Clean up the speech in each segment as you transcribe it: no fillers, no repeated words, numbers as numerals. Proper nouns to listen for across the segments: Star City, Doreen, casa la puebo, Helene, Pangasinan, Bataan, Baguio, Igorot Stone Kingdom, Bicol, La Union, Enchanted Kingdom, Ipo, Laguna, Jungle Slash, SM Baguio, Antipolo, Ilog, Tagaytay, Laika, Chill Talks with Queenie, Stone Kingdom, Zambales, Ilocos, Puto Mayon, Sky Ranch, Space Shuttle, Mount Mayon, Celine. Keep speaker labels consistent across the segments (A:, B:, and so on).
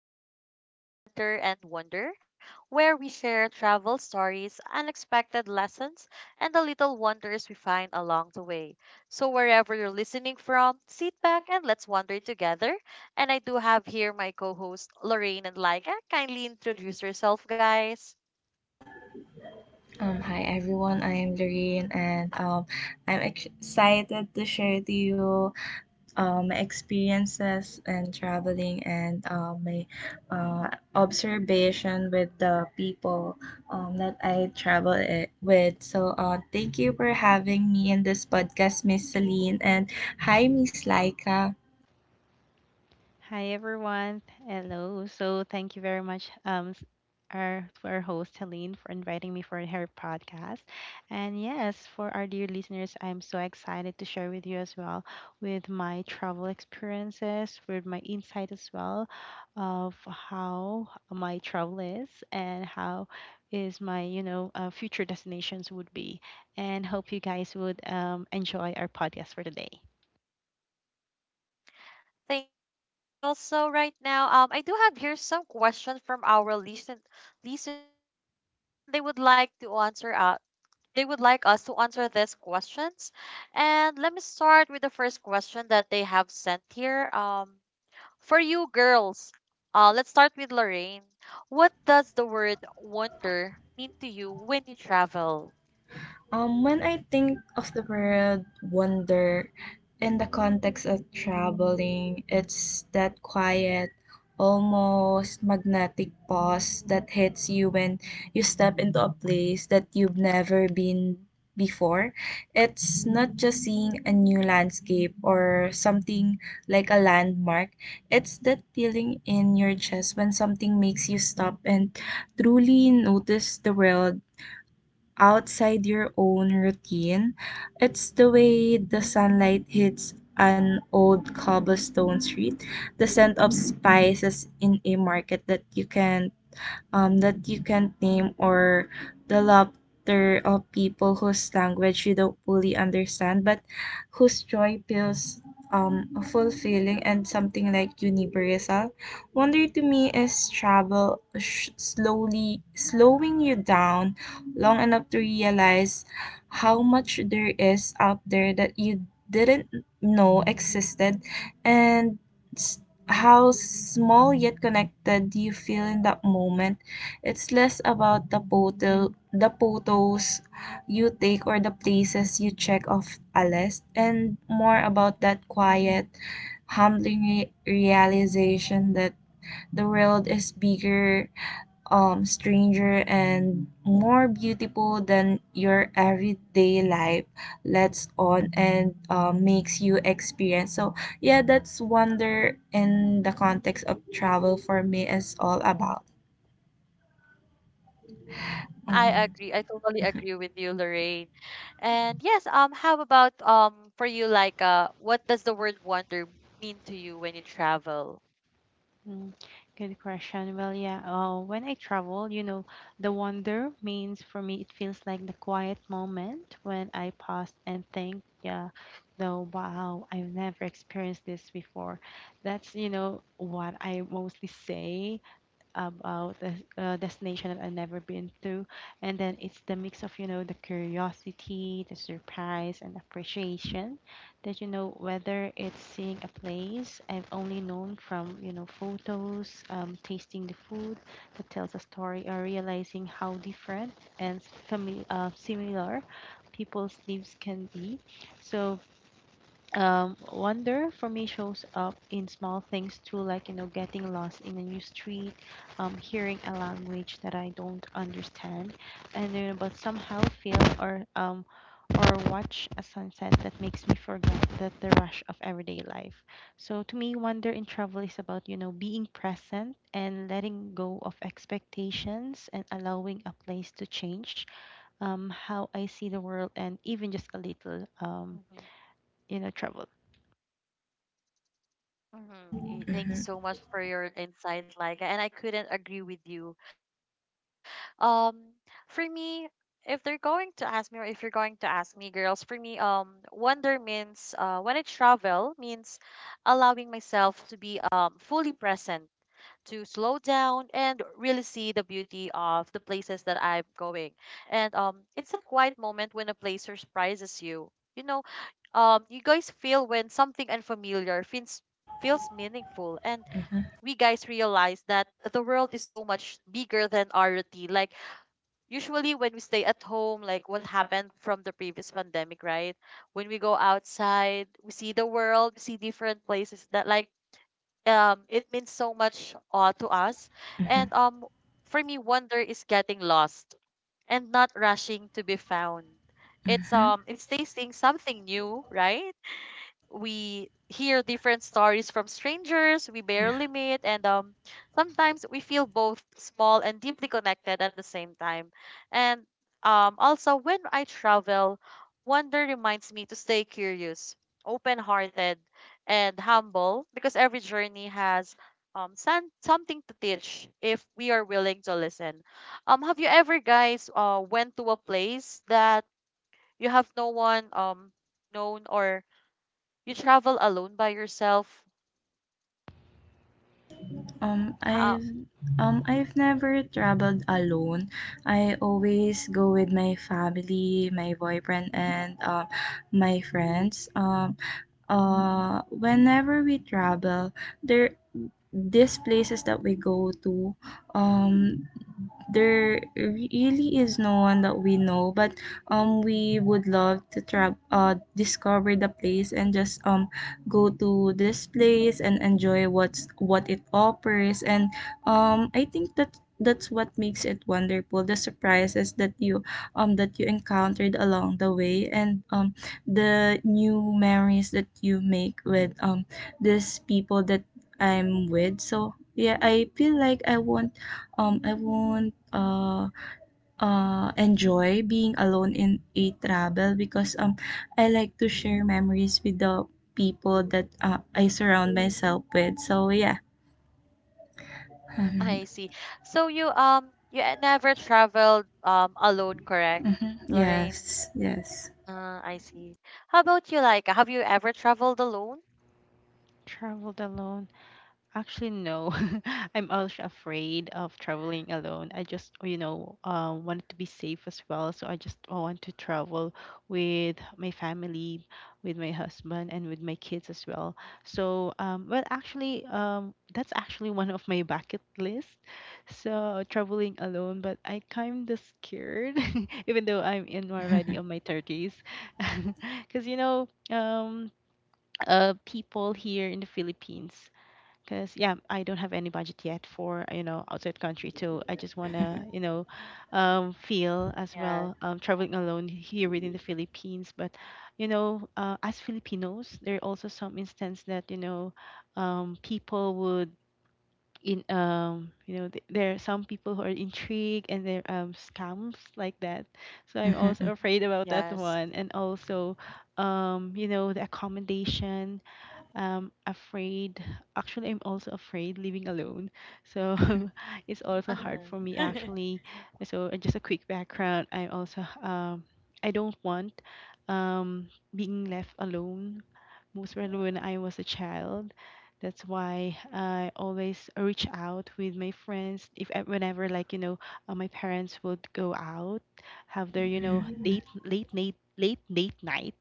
A: And welcome to Wonder and Wonder, where we share travel stories, unexpected lessons, and the little wonders we find along the way. So, wherever you're listening from, sit back and let's wander together. And I do have here my co host Lorraine and Laika. Kindly introduce yourself, guys.
B: Hi everyone, I am Doreen and I'm excited to share to you my experiences and traveling and my uh, observation with the people that I travel with. So thank you for having me in this podcast, Miss Celine, and hi, Miss Laika.
C: Hi everyone. Hello. So thank you very much our to our host Helene for inviting me for her podcast. And yes, for our dear listeners, I'm so excited to share with you as well, with my travel experiences, with my insight as well of how my travel is and how is my, you know, future destinations would be. And hope you guys would enjoy our podcast for today.
A: Thank you so much, girls. So, right now, I do have here some questions from our listeners, and they would like to answer they would like us to answer these questions. And let me start with the first question that they have sent here. For you girls, let's start with Lorraine. What does the word wonder mean to you when you travel?
B: When I think of the word wonder in the context of traveling, it's that quiet, almost magnetic pause that hits you when you step into a place that you've never been before. It's not just seeing a new landscape or something like a landmark, it's that feeling in your chest when something makes you stop and truly notice the world outside your own routine. It's the way the sunlight hits an old cobblestone street, the scent of spices in a market that you can't name, or the laughter of people whose language you don't fully understand but whose joy feels fulfilling and something like universal. Wonder to me is slowly slowing you down long enough to realize how much there is out there that you didn't know existed, and how small yet connected you feel in that moment. It's less about the photos you take or the places you check off a list, and more about that quiet, humbling realization that the world is bigger, stranger, and more beautiful than your everyday life lets on and makes you experience. So yeah, that's wonder in the context of travel for me is all about.
A: I
B: Mm.
A: agree. I totally
B: Mhm.
A: agree with you, Lorraine. And yes, how about for you, like what does the word wonder mean to you when you travel?
C: Mm, Good question. Well, yeah, when I travel, you know, the wonder means for me. It feels like the quiet moment when I pause and think, yeah, though, wow, I've never experienced this before. That's, you know, what I mostly say about a destination that I've never been to. And then it's the mix of, you know, the curiosity, the surprise, and appreciation, that, you know, whether it's seeing a place I've only known from, you know, photos, tasting the food that tells a story, or realizing how different and similar people's lives can be. So wonder for me shows up in small things too, like you know, getting lost in a new street, hearing a language that I don't understand, and you know, but somehow feel or watch a sunset that makes me forget that the rush of everyday life. So to me, wonder in travel is about you know being present and letting go of expectations and allowing a place to change how I see the world, and even just a little you know
A: Mm-hmm.
C: travel.
B: Mhm.
A: Thank you so much for your insight, Laika. And I couldn't agree with you. Um, for me, if they're going to ask me, or if you're going to ask me, girls, for me, wonder means when I travel means allowing myself to be fully present, down and really see the beauty of the places that I'm going. And it's a quiet moment when a place surprises you. You know, you guys feel when something unfamiliar feels feels meaningful, and
B: Mhm.
A: we guys realize that the world is so much bigger than our routine, like usually when we stay at home, like what happened from the previous pandemic, right? When we go outside, we see the world, we see different places that, like, it means so much to us.
B: Mhm.
A: And for me wonder is getting lost and not rushing to be found. It's
B: Mhm.
A: it's tasting something new, right? We hear different stories from strangers we
B: Yeah.
A: barely meet, and sometimes we feel both small and deeply connected at the same time. And also when I travel, wonder reminds me to stay curious, open hearted, and humble, because every journey has something to teach if we are willing to listen. Have you ever guys went to a place that you have no one known, or you travel alone by yourself?
B: Um,
A: How
B: I've I've never traveled alone. I always go with my family, my boyfriend, and my friends. Whenever we travel there, these places that we go to, um there really is no one that we know, but we would love to travel, discover the place, and just go to this place and enjoy what it offers. And I think that that's what makes it wonderful, the surprises that you encountered along the way, and the new memories that you make with these people that I'm with. So yeah, I feel like I won't enjoy being alone in a travel because I like to share memories with the people that I surround myself with. So yeah.
A: I
B: Mhm.
A: see. So you you never traveled alone, correct, Lorraine?
B: Yes, yes.
A: I see. How about you, Like, Have you ever traveled alone?
C: Traveled alone? Actually, no. I'm also afraid of traveling alone. I just, you know, wanted to be safe as well. So I just want to travel with my family, with my husband, and with my kids as well. So, well, actually, that's actually one of my bucket list. So traveling alone, but I kind of scared, even though I'm in already on my 30s, because you know, people here in the Philippines. Because yeah, I don't have any budget yet for you know outside country too. I just wanna you know feel as
A: Yeah.
C: well traveling alone here within the Philippines. But you know, as Filipinos, there are also some instance that you know people would in you know there are some people who are intrigued, and they're scams like that. So I'm also
B: Mhm,
C: afraid about that
A: Yes.
C: one, and also you know the accommodation, afraid actually I'm also afraid living alone. So it's also hard
A: Uh-huh.
C: for me actually. So just a quick background, I also I don't want um being left alone, most probably when I was a child. That's why I always reach out with my friends if whenever like you know my parents would go out, have their you know date late night, late night,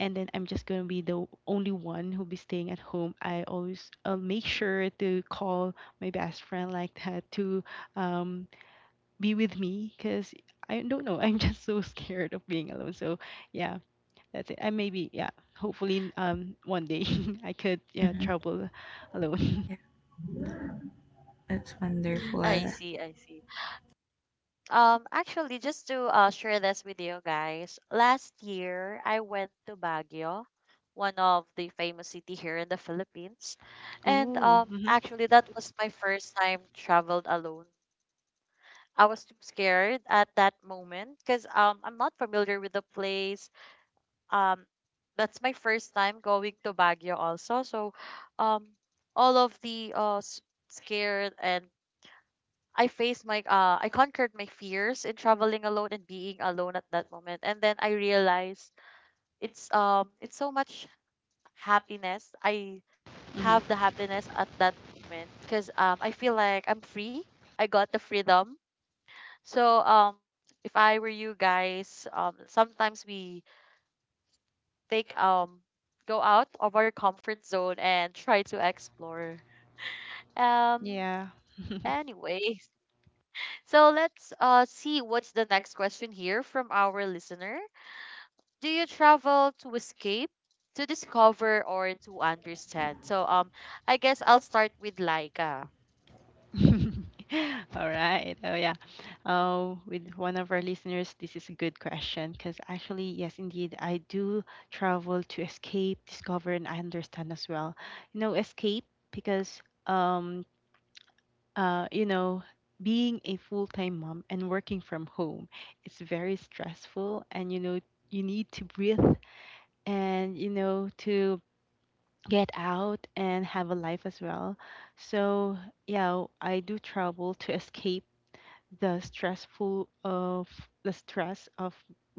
C: and then I'm just gonna be the only one who'll be staying at home. I'll make sure to call my best friend like that to um, be with me because I don't know. I'm just so scared of being alone. So yeah, that's it. And maybe yeah, hopefully one day I could, yeah,
B: mhm.
C: travel alone.
B: Yeah, that's
A: I
B: wonderful.
A: see, I see. Actually, just to share this with you guys, last year I went to Baguio, one of the famous city here in the Philippines. And
C: Ooh. Mhm.
A: actually that was my first time traveled alone. I was too scared at that moment because I'm not familiar with the place. Um, that's my first time going to Baguio also. So, um, all of the scared, and I faced my I conquered my fears in traveling alone and being alone at that moment. And then I realized it's so much happiness. I
C: Mhm.
A: have the happiness at that moment because I feel like I'm free. I got the freedom. So if I were you guys, sometimes we take go out of our comfort zone and try to explore. Um
C: Yeah.
A: Anyways, so let's see what's the next question here from our listener. Do you travel to escape, to discover, or to understand? So I guess I'll start with Laika.
C: All right. Oh yeah. Oh, with one of our listeners, this is a good question because actually, yes, indeed, I do travel to escape, discover, and I understand as well. You know, escape because you know, being a full time mom and working from home, it's very stressful. And, you know, you need to breathe and, you know, to get out and have a life as well. So, yeah, I do travel to escape the stressful of the stress of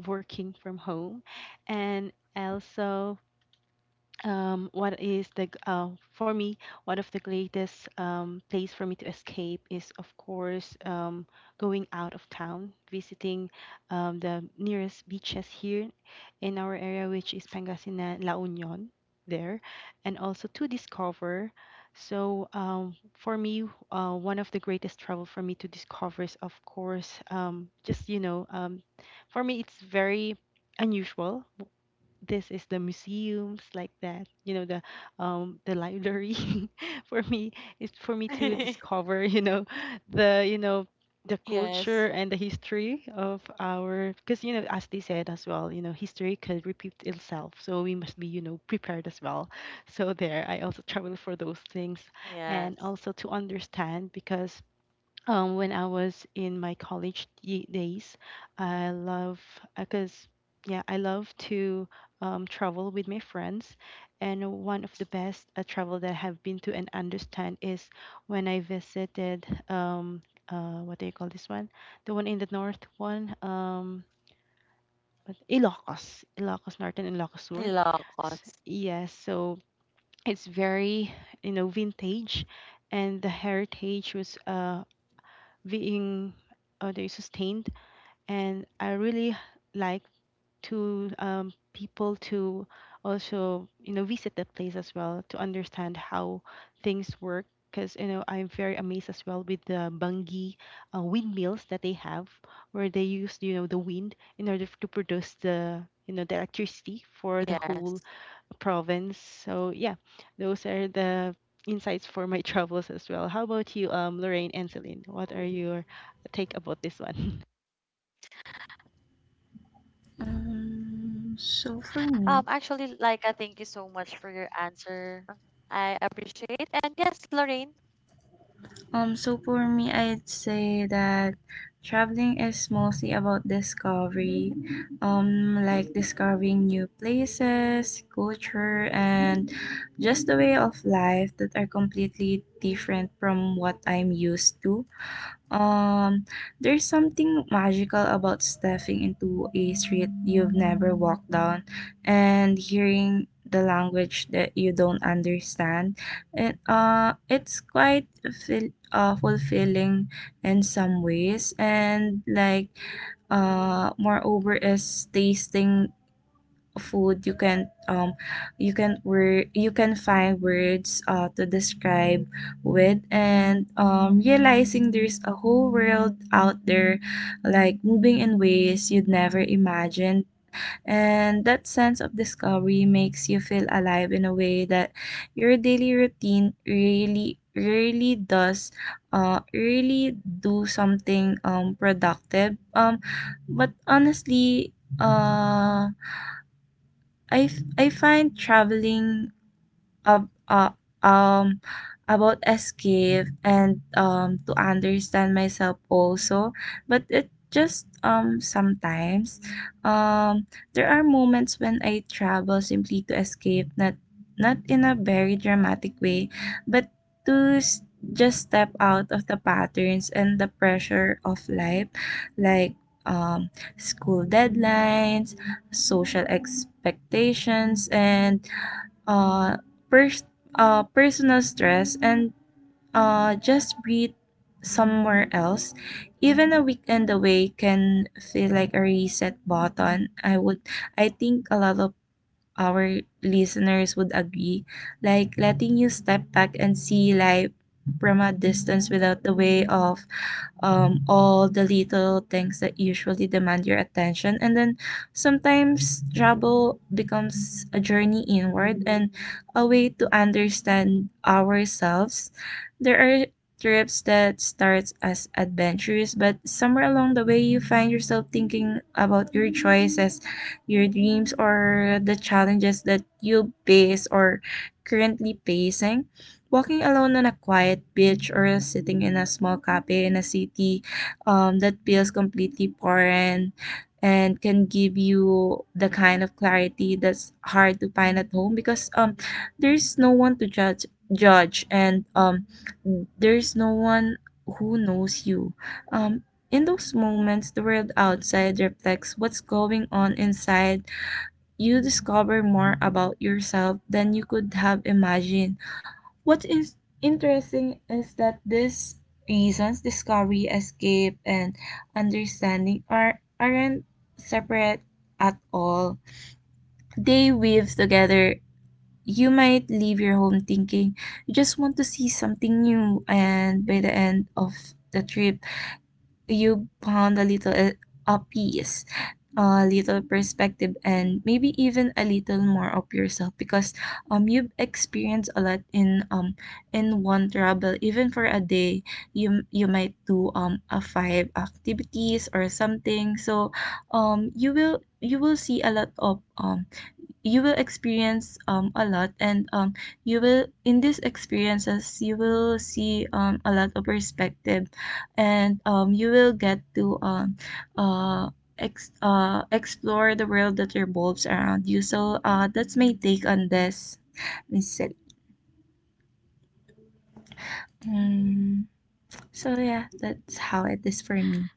C: working from home. And also what is the for me, one of the greatest place for me to escape is of course going out of town, visiting the nearest beaches here in our area, which is Pangasinan, La Union there. And also to discover, so for me, one of the greatest travel for me to discover is of course just you know for me it's very unusual. This is the museums like that, you know, the the library. For me, is for me to discover, you know, the you know the
A: Yes.
C: culture and the history of our, because you know as they said as well, you know, history could repeat itself, so we must be you know prepared as well. So there I also travel for those things.
A: Yes.
C: And also to understand because when I was in my college days, I love because yeah, I love to travel with my friends. And one of the best travel that I have been to and understand is when I visited, what do you call this one? The one in the north one, Ilocos, Ilocos Northern and Ilocos Sur.
A: Ilocos.
C: Yes. So it's very you know vintage, and the heritage was being they sustained. And I really like to people to also you know visit that place as well to understand how things work, because you know I'm very amazed as well with the bungi windmills that they have, where they use you know the wind in order to produce the you know the electricity for the whole
A: Yes.
C: province. So yeah, those are the insights for my travels as well. How about you, Lorraine and Celine? What are your take about this one?
B: Um, so for me,
A: Actually, like, thank you so much for your answer. I appreciate. And yes, Lorraine,
B: so for me, I'd say that traveling is mostly about discovery, like discovering new places, culture, and just the way of life that are completely different from what I'm used to. Um, there's something magical about stepping into a street you've never walked down and hearing the language that you don't understand. And it's quite fulfilling in some ways. And like moreover, is tasting food you can word you can find words to describe with, and realizing there's a whole world out there, like moving in ways you'd never imagined. And that sense of discovery makes you feel alive in a way that your daily routine really do something productive. But honestly, uh I find traveling ab- uh, um, about escape and to understand myself also. But it just, sometimes, um, there are moments when I travel simply to escape, not not in a very dramatic way, but to just step out of the patterns and the pressure of life, like, um, school deadlines, social expectations, and uh, pers- personal stress, and just breathe somewhere else. Even a weekend away can feel like a reset button. I think a lot of our listeners would agree. Like letting you step back and see life from a distance without the way of, all the little things that usually demand your attention. And then sometimes travel becomes a journey inward and a way to understand ourselves. There are trips that start as adventures, but somewhere along the way, you find yourself thinking about your choices, your dreams, or the challenges that you face or currently facing. Walking alone on a quiet beach or sitting in a small cafe in a city that feels completely foreign and can give you the kind of clarity that's hard to find at home, because there's no one to judge, and there's no one who knows you. Um, in those moments, the world outside reflects what's going on inside. You discover more about yourself than you could have imagined. What is interesting is that these reasons, discovery, escape, and understanding, aren't separate at all. They weave together. You might leave your home thinking you just want to see something new, and by the end of the trip, you found a piece, a little perspective, and maybe even a little more of yourself, because you've experienced a lot in one travel. Even for a day, you might do a five activities or something. So you will, you will see a lot of, you will experience, a lot, and you will, in these experiences, you will see, a lot of perspective, and you will get to uh, explore the world that revolves around you. So that's my take on this, Miss Sally. Mm, so yeah, that's how it is for me.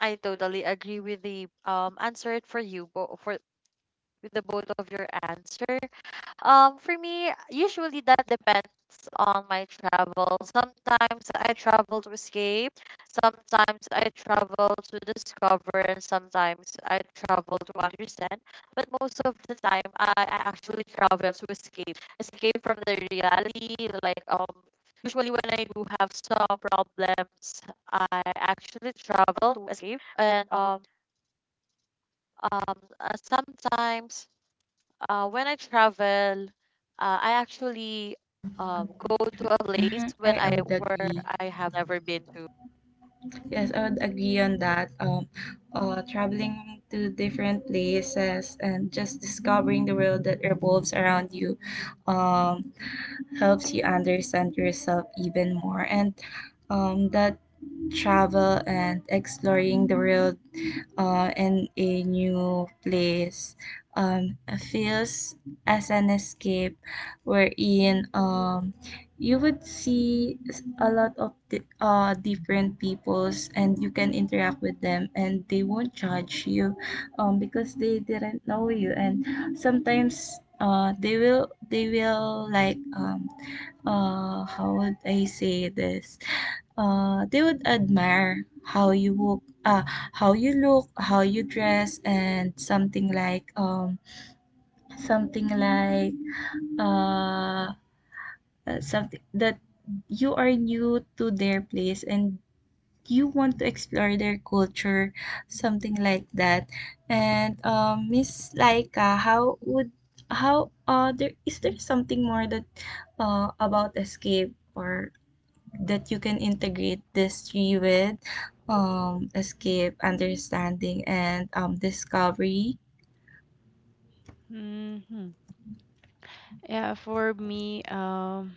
A: I totally agree with the answer for you, for with the both of your answer. For me, usually that depends on my travel. Sometimes I travel to escape, sometimes I travel to discover, and sometimes I travel to understand. But most of the time, I actually travel to escape, escape from the reality. Like usually when I do have some problems, I actually travel to escape. And sometimes when I travel, I actually go to a place
B: hmm
A: when
B: I,
A: I
B: I would
A: where
B: agree.
A: I have never been to.
B: Yes, I would agree on that. Traveling to different places and just discovering the world that revolves around you um, helps you understand yourself even more. And that travel and exploring the world in a new place feels as an escape, wherein you would see a lot of different peoples, and you can interact with them and they won't judge you because they didn't know you. And sometimes they will, they will like, how would I say this they would admire how you look, how you dress, and something like, something like uh, something that you are new to their place and you want to explore their culture, something like that. And Miss Laika, how would how there is there something more that about escape, or that you can integrate this three with, escape, understanding, and discovery?
C: hmm Yeah, for me,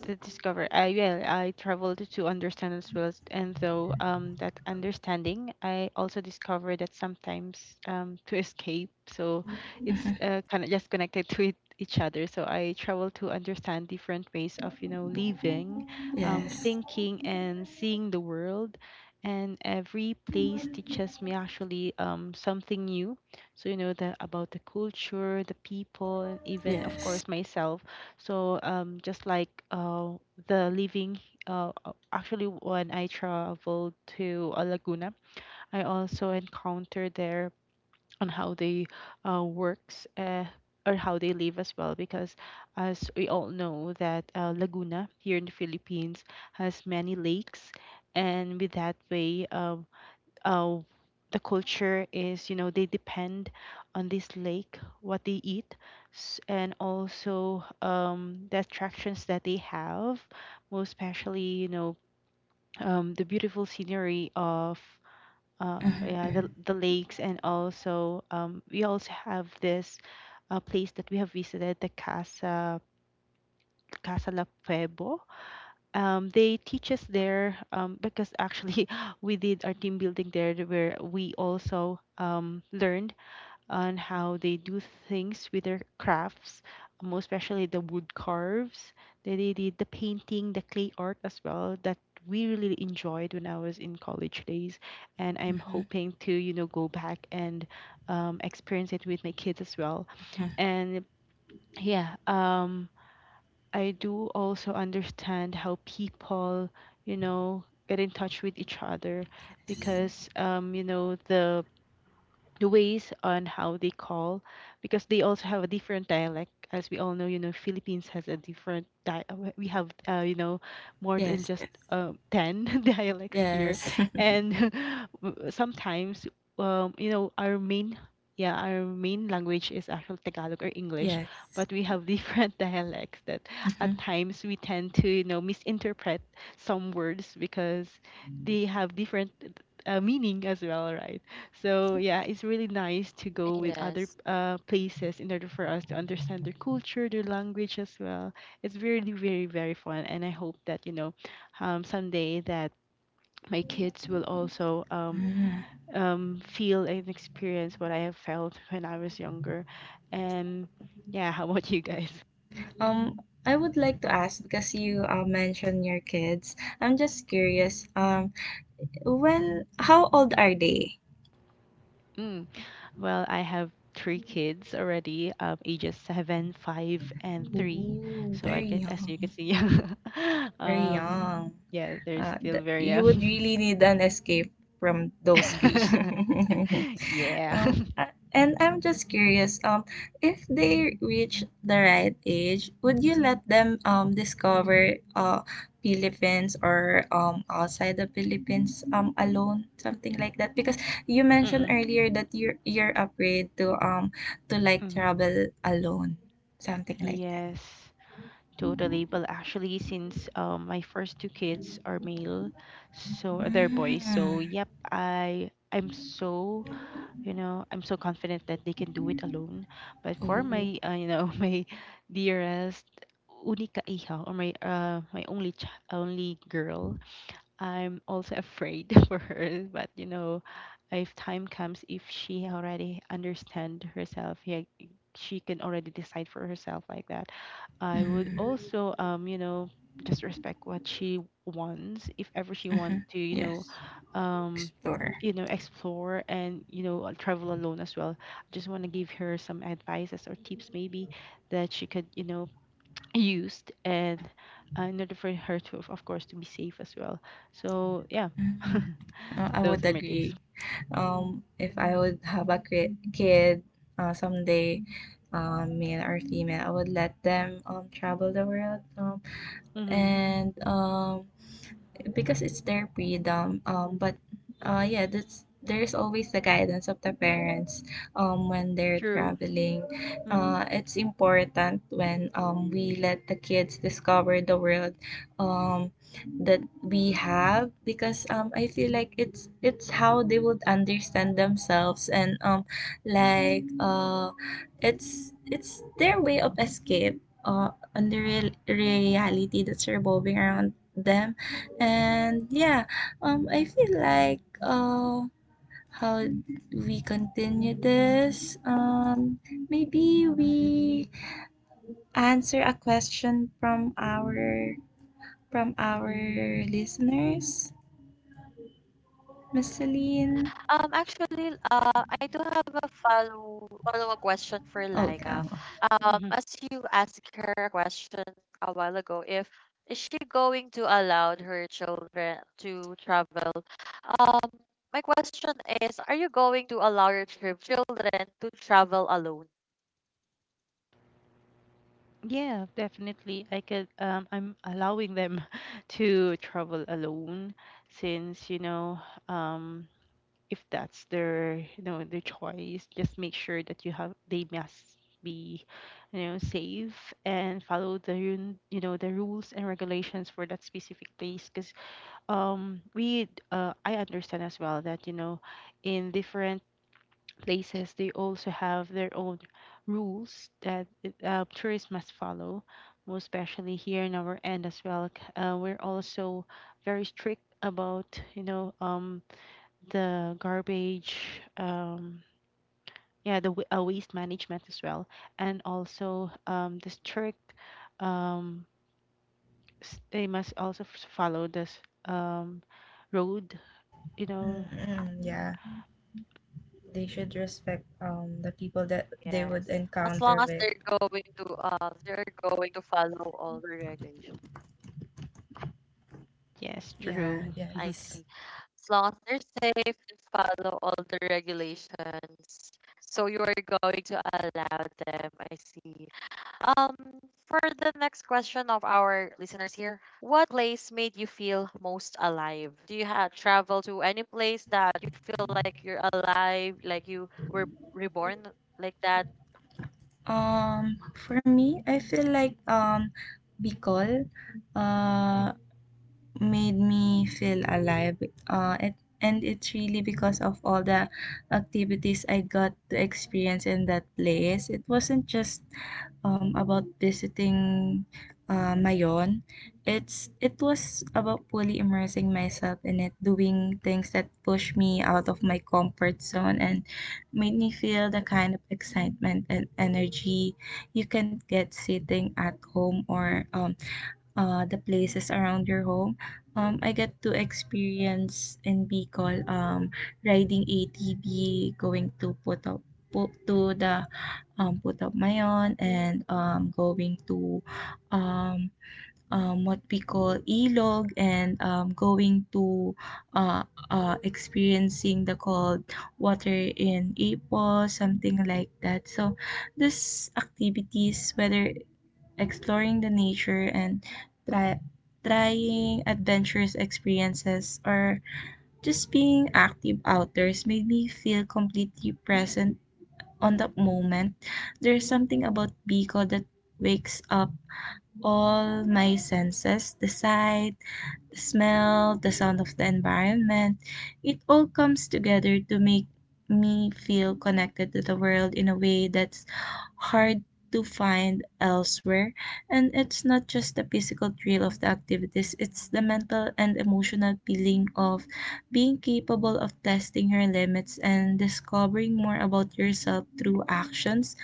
C: to discover. I Yeah, I traveled to understand as well, and though that understanding, I also discovered that sometimes to escape. So it's
B: Mhm.
C: kind of just connected to each other. So I travel to understand different ways of you know living,
B: Yes,
C: thinking, and seeing the world. And every place teaches me actually something new. So you know the about the culture, the people, and even of
B: yes.
C: course myself. So just like the living, actually, when I traveled to, Laguna, I also encountered there on how they works, or how they live as well, because as we all know that Laguna here in the Philippines has many lakes. And with that way, uh, the culture is you know they depend on this lake what they eat, and also the attractions that they have, most especially you know the beautiful scenery of yeah,
B: Mhm,
C: the lakes. And also we also have this place that we have visited, the casa la puebo. They teach us there, because actually we did our team building there, where we also learned on how they do things with their crafts, most especially the wood carves. They did the painting, the clay art as well, that we really enjoyed when I was in college days. And I'm
B: mhm,
C: hoping to you know go back and experience it with my kids as well.
B: mhm.
C: And yeah, I do also understand how people, you know, get in touch with each other,
B: Yes,
C: because you know, the ways on how they call, because they also have a different dialect. As we all know, you know, Philippines has a different, we have you know more than
B: yes,
C: just
B: yes,
C: 10 dialects here.
B: yes.
C: And sometimes you know our main yeah, our main language is actually Tagalog or English,
B: Yes.
C: but we have different dialects that at
B: Mm-hmm.
C: times we tend to you know misinterpret some words because they have different meaning as well, right? So yeah, it's
B: Yes.
C: really nice to go with other
A: Yes.
C: places in order for us to understand their culture, their language as well. It's really, very, very fun. And I hope that you know, someday that my kids will also
B: Mm.
C: feel and experience what I have felt when I was younger. And yeah, how about you guys?
B: Um, I would like to ask, because you mentioned your kids, I'm just curious. When, how old are they?
C: Mm. Well, I have three kids already, ages 7, 5, and 3.
B: Ooh,
C: So I
B: very
C: can, as
B: young.
C: you can see,
B: Very
C: um,
B: young.
C: yeah, they're still very
B: You would
C: young.
B: really need an escape from those three.
C: Yeah.
B: And I'm just curious, if they reach the right age, would you let them discover Philippines or outside the Philippines alone, something like that? Because you mentioned
C: Mm-mm.
B: earlier that you're afraid to like
C: Mm-hmm.
B: travel alone, something like that.
C: Yes, totally. Well, actually, since my first two kids are male, so they're boys.
B: Mm.
C: So yep, I'm so you know I'm so confident that they can do it alone. But for
B: Oh.
C: my you know my dearest unika iha, or my only girl, I'm also afraid for her. But you know, if time comes, if she already understand herself, yeah, she can already decide for herself like that. I would
B: Mm.
C: also, you know, just respect what she wants. If ever she
B: Hmm.
C: wants to,
B: Yes.
C: um,
B: Explorer.
C: explore and travel alone as well. I just want to give her some advices or tips maybe that she could, use and in order for her to, of course, to be safe as well. So yeah,
B: Mm-hmm. I
C: those
B: would
C: are my takes.
B: agree. If I would have a kid someday, male or female, I would let them travel the world,
C: Mm-hmm.
B: and because it's their freedom. But yeah, that's there's always the guidance of the parents when they're
C: True.
B: traveling.
C: Mm-hmm.
B: It's important when we let the kids discover the world um, that we have, because I feel like it's how they would understand themselves, and like uh, it's their way of escape on the real reality that's revolving around them. And yeah, I feel like, how we continue this. Maybe we answer a question from our listeners, Miss Celine.
A: Actually, I do have a follow up question for
B: Oh,
A: Laika.
B: oh.
A: As you asked her a question a while ago, if is she going to allow her children to travel? Um, my question is, are you going to allow your children to travel alone?
C: Yeah, definitely. I'm allowing them to travel alone since, you know, um if that's their, their choice, just make sure that you have they must be, you know, safe and follow the, you know, the rules and regulations for that specific place because we I understand as well that, you know, in different places they also have their own rules that tourists must follow, most especially here in our end as well, we're also very strict about the garbage, um, yeah, the waste management as well, and also the strict, um, they must also follow this, um, road, you know.
B: Mm-mm, yeah, they should respect the people that they would
A: Yes, as long
B: encounter
A: as
B: with.
A: they're going to follow all the regulations.
C: Yes,
B: Yeah,
C: true.
A: I
B: yes.
A: see. As long as they're safe and follow all the regulations. So you are going to allow them. I see. Um, for the next question of our listeners here, what place made you feel most alive? Do you have travel to any place that you feel like you're alive, like you were reborn like that?
B: For me, I feel like, Bicol Uh, made me feel alive. Uh, it, and it's really because of all the activities I got to experience in that place. It wasn't just about visiting Mayon. It was about fully immersing myself in it, doing things that push me out of my comfort zone and made me feel the kind of excitement and energy you can get sitting at home, or the places around your home. I get to experience in Bicol, riding ATV, going to Pu- to the Puto Mayon, and going to um, what we call Ilog, and going to uh, experiencing the cold water in Ipo, something like that. So these activities, whether exploring the nature and try, trying adventurous experiences or just being active outdoors, made me feel completely present on the moment. There's something about Bicol that wakes up all my senses, the sight, the smell, the sound of the environment. It all comes together to make me feel connected to the world in a way that's hard to find elsewhere. And it's not just the physical thrill of the activities, it's the mental and emotional feeling of being capable of testing your limits and discovering more about yourself through actions.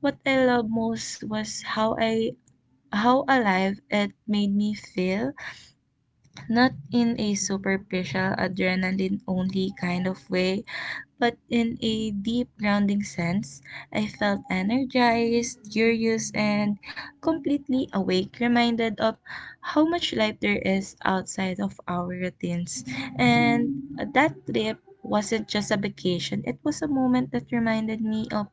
B: What I loved most was how alive it made me feel, not in a superficial adrenaline only kind of way, but in a deep, grounding sense. I felt energized, curious, and completely awake, reminded of how much life there is outside of our routines. And that trip wasn't just a vacation, it was a moment that reminded me of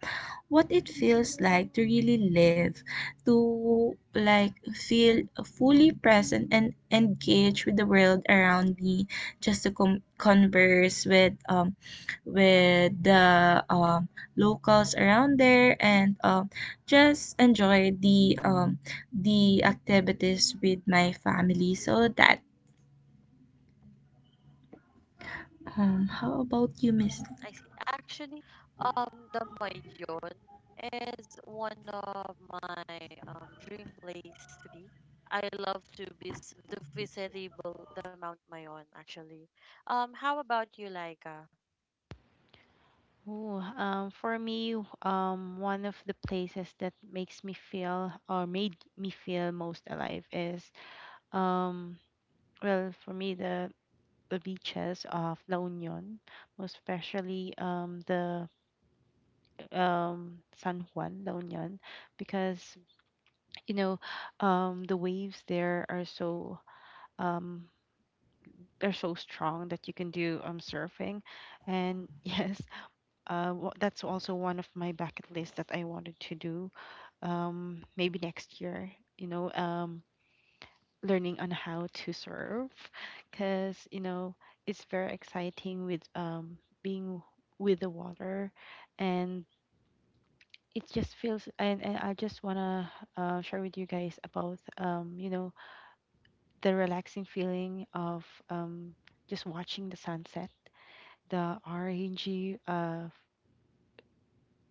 B: what it feels like to really live, to feel fully present and engaged with the world around me, just to converse with the locals around there, and just enjoy the activities with my family. So that, how about you, miss?
A: I see. Actually, the Mayon is one of my dream place to be. I love to to visit the, the Mount Mayon. Actually, how about you, Laika?
C: Ooh, for me, one of the places that makes me feel or made me feel most alive is, um, for me, the beaches of La Union, most especially the San Juan, La Union, because you know, the waves there are so um, they're so strong that you can do surfing, and yes, that's also one of my bucket lists that I wanted to do, maybe next year, you know, um, learning on how to surf because, you know, it's very exciting with being with the water, and it just feels, and I just want to share with you guys about, you know, the relaxing feeling of, um, just watching the sunset, the orangey,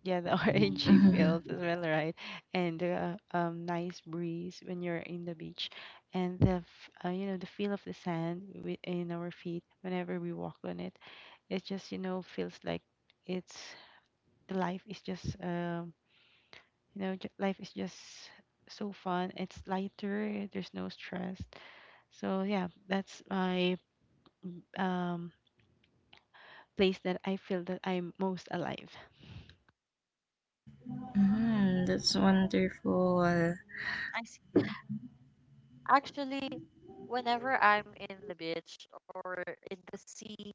C: yeah, the orangey fields
B: Mhm.
C: as well, right? And the nice breeze when you're in the beach, and you know, the feel of the sand in our feet whenever we walk on it. It just, you know, feels like it's, the life is just you know ju- life is just so fun. It's lighter. There's no stress. So yeah, that's my, um, place that I feel that I'm most alive.
B: Mhm, that's wonderful.
A: I see. Actually, whenever I'm in the beach or in the sea,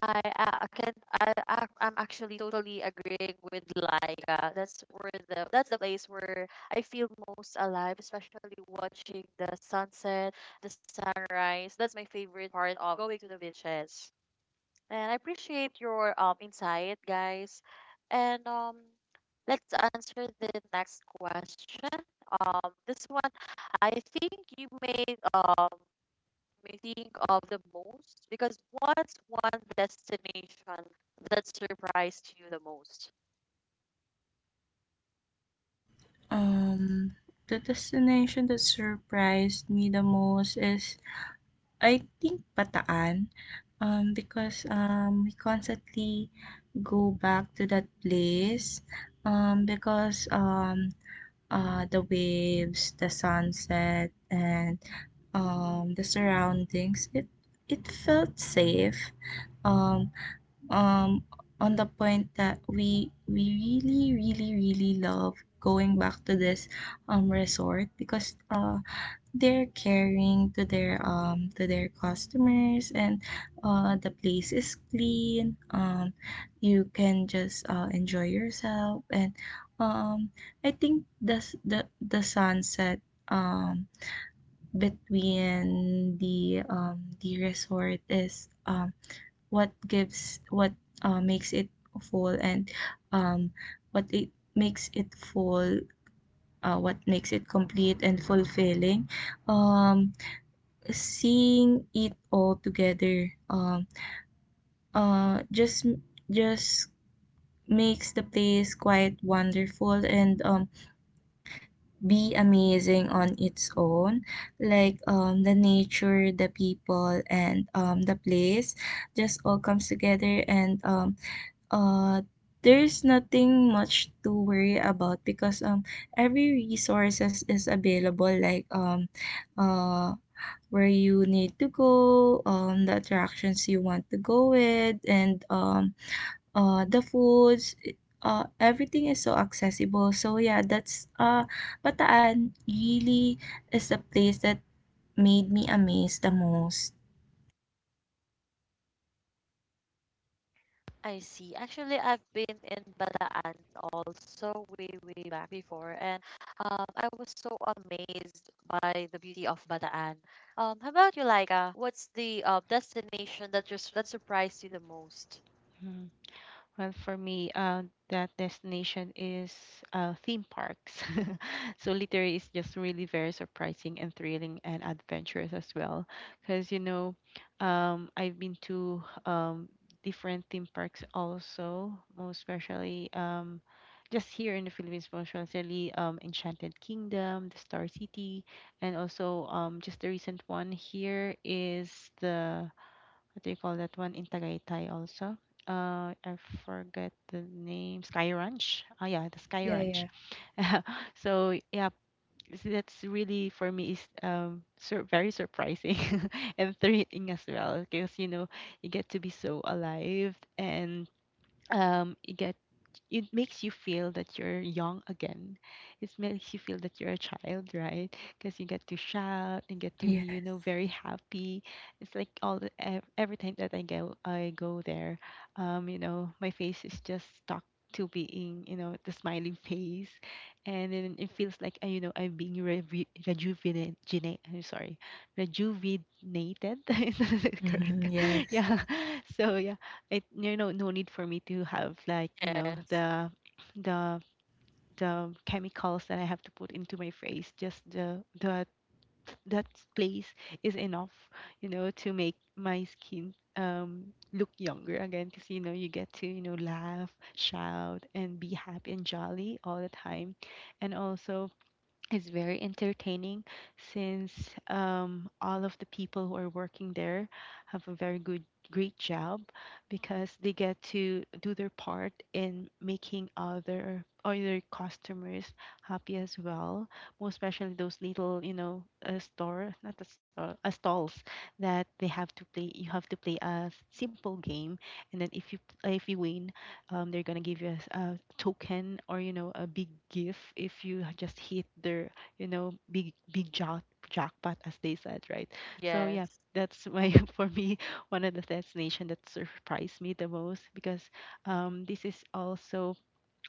A: I uh, I can I I'm actually totally agreeing with Laika. That's where the that's the place where I feel most alive, especially watching the sunset, the sunrise. That's my favorite part of going to the beaches. And I appreciate your insight, guys. And let's answer the next question. This one I think you made me think of the most, because what's one destination that surprised you the most?
B: um the destination that surprised me the most is, I think, Bataan, because we constantly go back to that place, because the waves, the sunset, and the surroundings. It felt safe. Um, um, on the point that we really really really love going back to this resort, because they're caring to their customers, and the place is clean. You can just enjoy yourself. And um I think the sunset um between the resort is what gives what makes it full. And um what it makes it full what makes it complete and fulfilling, um seeing it all together. Uh just just makes the place quite wonderful, and be amazing on its own, like the nature, the people, and the place just all comes together. And uh there's nothing much to worry about, because every resources is available, like uh where you need to go, the attractions you want to go with, and the foods. Everything is so accessible. So yeah, that's Bataan really is the place that made me amazed the most.
A: I see. Actually, I've been in Bataan also way, way back before, and I was so amazed by the beauty of Bataan. How about you, Laika? What's the destination that just that surprised you the most?
C: Hmm. Well, for me, that destination is theme parks. So literally, it's just really very surprising and thrilling and adventurous as well. Because you know, I've been to different theme parks also, most especially just here in the Philippines, most especially Enchanted Kingdom, the Star City, and also just the recent one here is the, what do you call that one in Tagaytay also? I forget the name. Sky Ranch. Oh yeah, the Sky
B: Yeah,
C: Ranch.
B: yeah.
C: So yeah, so that's really for me is sur very surprising and thrilling as well because you know you get to be so alive and you get it makes you feel that you're young again. It makes you feel that you're a child, right? Because you get to shout and get to be, you know,
B: Yes.
C: very happy. It's like all the, every time that I go there, you know, my face is just stuck to being, you know, the smiling face, and then it feels like, you know, rejuvenated. I'm sorry, rejuvenated. Is that correct?
B: Yes.
C: Yeah. So yeah, it, you know, no need for me to have, like, you know,
A: Yes,
C: the the chemicals that I have to put into my face, just the that that place is enough, you know, to make my skin look younger again because you know you get to, you know, laugh, shout, and be happy and jolly all the time, and also is very entertaining since all of the people who are working there have a very good, great job because they get to do their part in making other customers happy as well, most especially those little, you know store not a store stalls that they have to play you have to play a simple game, and then if you, if you win, they're gonna give you a, a token, or you know, a big gift if you just hit their, you know, jackpot, as they said, right? So yeah,
A: yes,
C: that's my, for me, one of the destination that surprised me the most because, this is also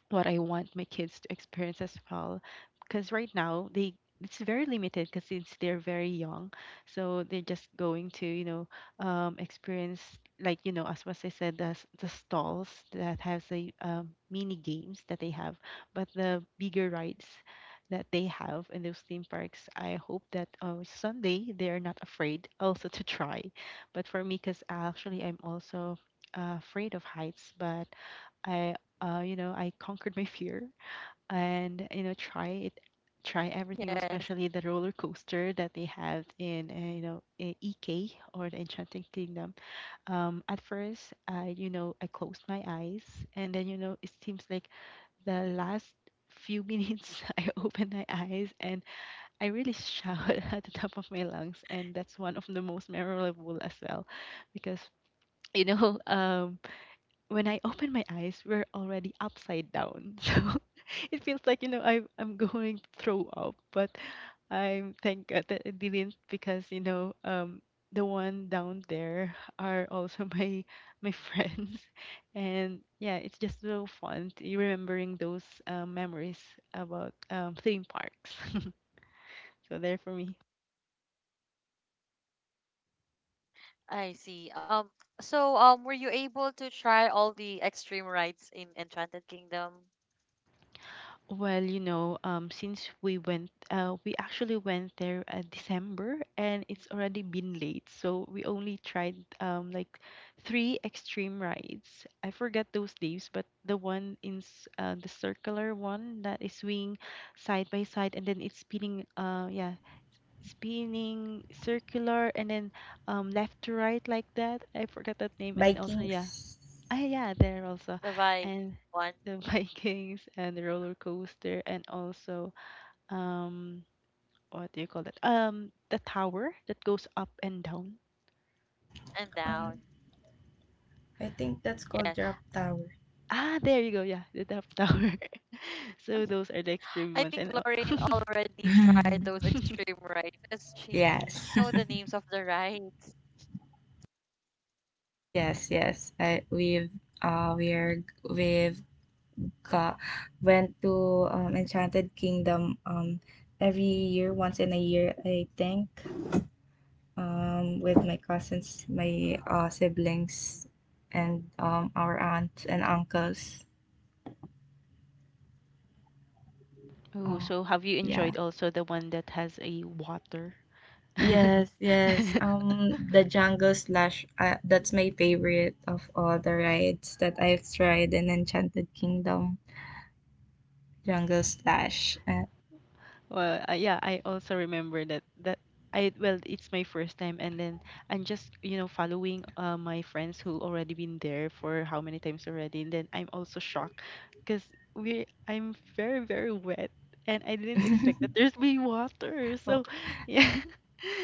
C: what I want my kids to experience as well. Because right now they, it's very limited because since they're very young, so they're just going to, you know, experience, like, you know, as was I said, the stalls that has the mini games that they have, but the bigger rides that they have in those theme parks, I hope that someday they are not afraid also to try. But for me, because actually I'm also afraid of heights, but I, you know, I conquered my fear and you know, try everything,
A: yes.
C: especially the roller coaster that they have in EK, or the Enchanted Kingdom. At first, I you know, I closed my eyes, and then you know, it seems like the last few minutes, I opened my eyes, and I really shouted at the top of my lungs, and that's one of the most memorable as well, because you know, when I open my eyes, we're already upside down. So it feels like, you know, I'm going to throw up, but I'm, thank God that I didn't because, you know, the one down there are also my friends. And yeah, it's just so fun remembering those memories about theme parks. So there for me.
A: I see. So were you able to try all the extreme rides in Enchanted Kingdom,
C: Well, you know, we actually went there December, and it's already been late. So we only tried like three extreme rides. I forgot those names, but the one in the circular one that is swinging side by side, and then it's spinning. Yeah, spinning circular, and then left to right like that. I forgot that name, and then also, yeah.
B: Vikings.
C: Ah, yeah, there also,
A: the bike,
C: and
A: one
C: the Vikings and the roller coaster, and also um, what do you call that? The tower that goes up and down.
A: and
B: Um,
A: down?
B: I think that's called
A: Yes.
B: Drop Tower.
C: Ah, there you go. Yeah, the Duff Tower. So those are the extreme
A: I
C: ones,
A: think
C: and
A: Lorraine already tried those extreme rides as she
B: Yes.
A: know the names of the rides.
B: Yes, yes. I, we've we're we've Ka went to Enchanted Kingdom, every year, once in a year, I think, with my cousins, my siblings, and our aunts and uncles.
C: oh,
B: Oh,
C: so have you
B: yeah.
C: enjoyed also the one that has a water?
B: Yes, yes. The jungle slash, that's my favorite of all the rides that I've tried in Enchanted Kingdom. Jungle slash.
C: Well, yeah, I also remember that I, well, it's my first time, and then I'm just, you know, following my friends who already been there for how many times already, and then I'm also shocked because we I'm very, very wet, and I didn't expect that there's be water.
B: Oh,
C: So yeah,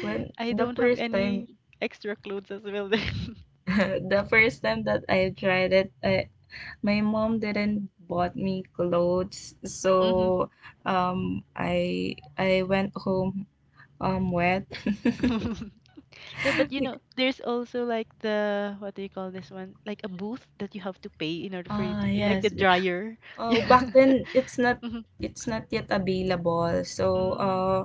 B: when
C: I
B: the
C: don't have
B: first time
C: any extra clothes as well then.
B: the first time that I tried it, my mom didn't bought me clothes,
C: Hmm.
B: so I went home wet.
C: Yeah, but you know,
B: Like,
C: there's also like the, what do you call this one? Like a booth that you have to pay in order for you
B: ah
C: to, eh, like the
B: yes.
C: dryer. Yeah.
B: Oh, back then it's not,
C: Mm-hmm.
B: it's not yet available. So uh,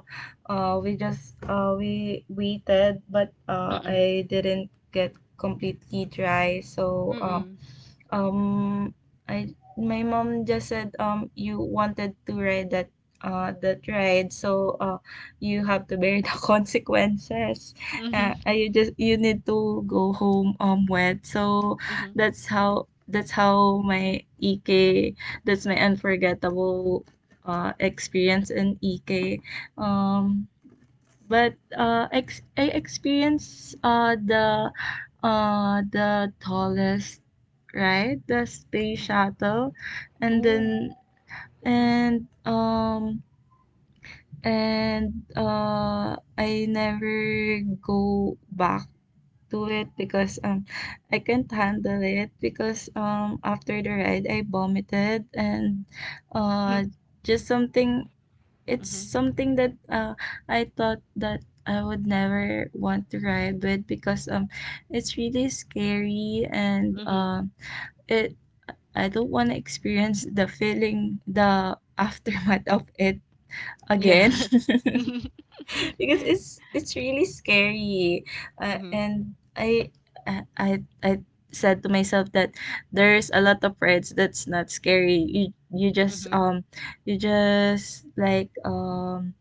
B: uh, we just we waited, but
C: Mm-mm.
B: I didn't get completely dry. So
C: Mm-mm.
B: um, I, my mom just said, you wanted to ride that, that ride, so you have to bear the consequences.
C: Mm-mm.
B: You just, you need to go home wet. So
C: Mm-hmm. Mm-hmm.
B: that's how, that's how my EK, that's my unforgettable experience in EK. Um, I experienced the tallest right, the space
C: Mm-hmm.
B: shuttle. And
C: Ooh.
B: then,
C: Mm-hmm.
B: and um and I never go back do it, because I can't handle it, because after the ride I vomited. And
C: Mm-hmm.
B: uh just something it's
C: Mm-hmm.
B: something that I thought that I would never want to ride with, because it's really scary. And
C: Mm-hmm.
B: it I don't want to experience the feeling, the aftermath of it
C: Yeah.
B: again. Because it's really scary,
C: Mm-hmm.
B: and I said to myself that there's a lot of reds that's not scary. You,
C: Mm-hmm.
B: you just like um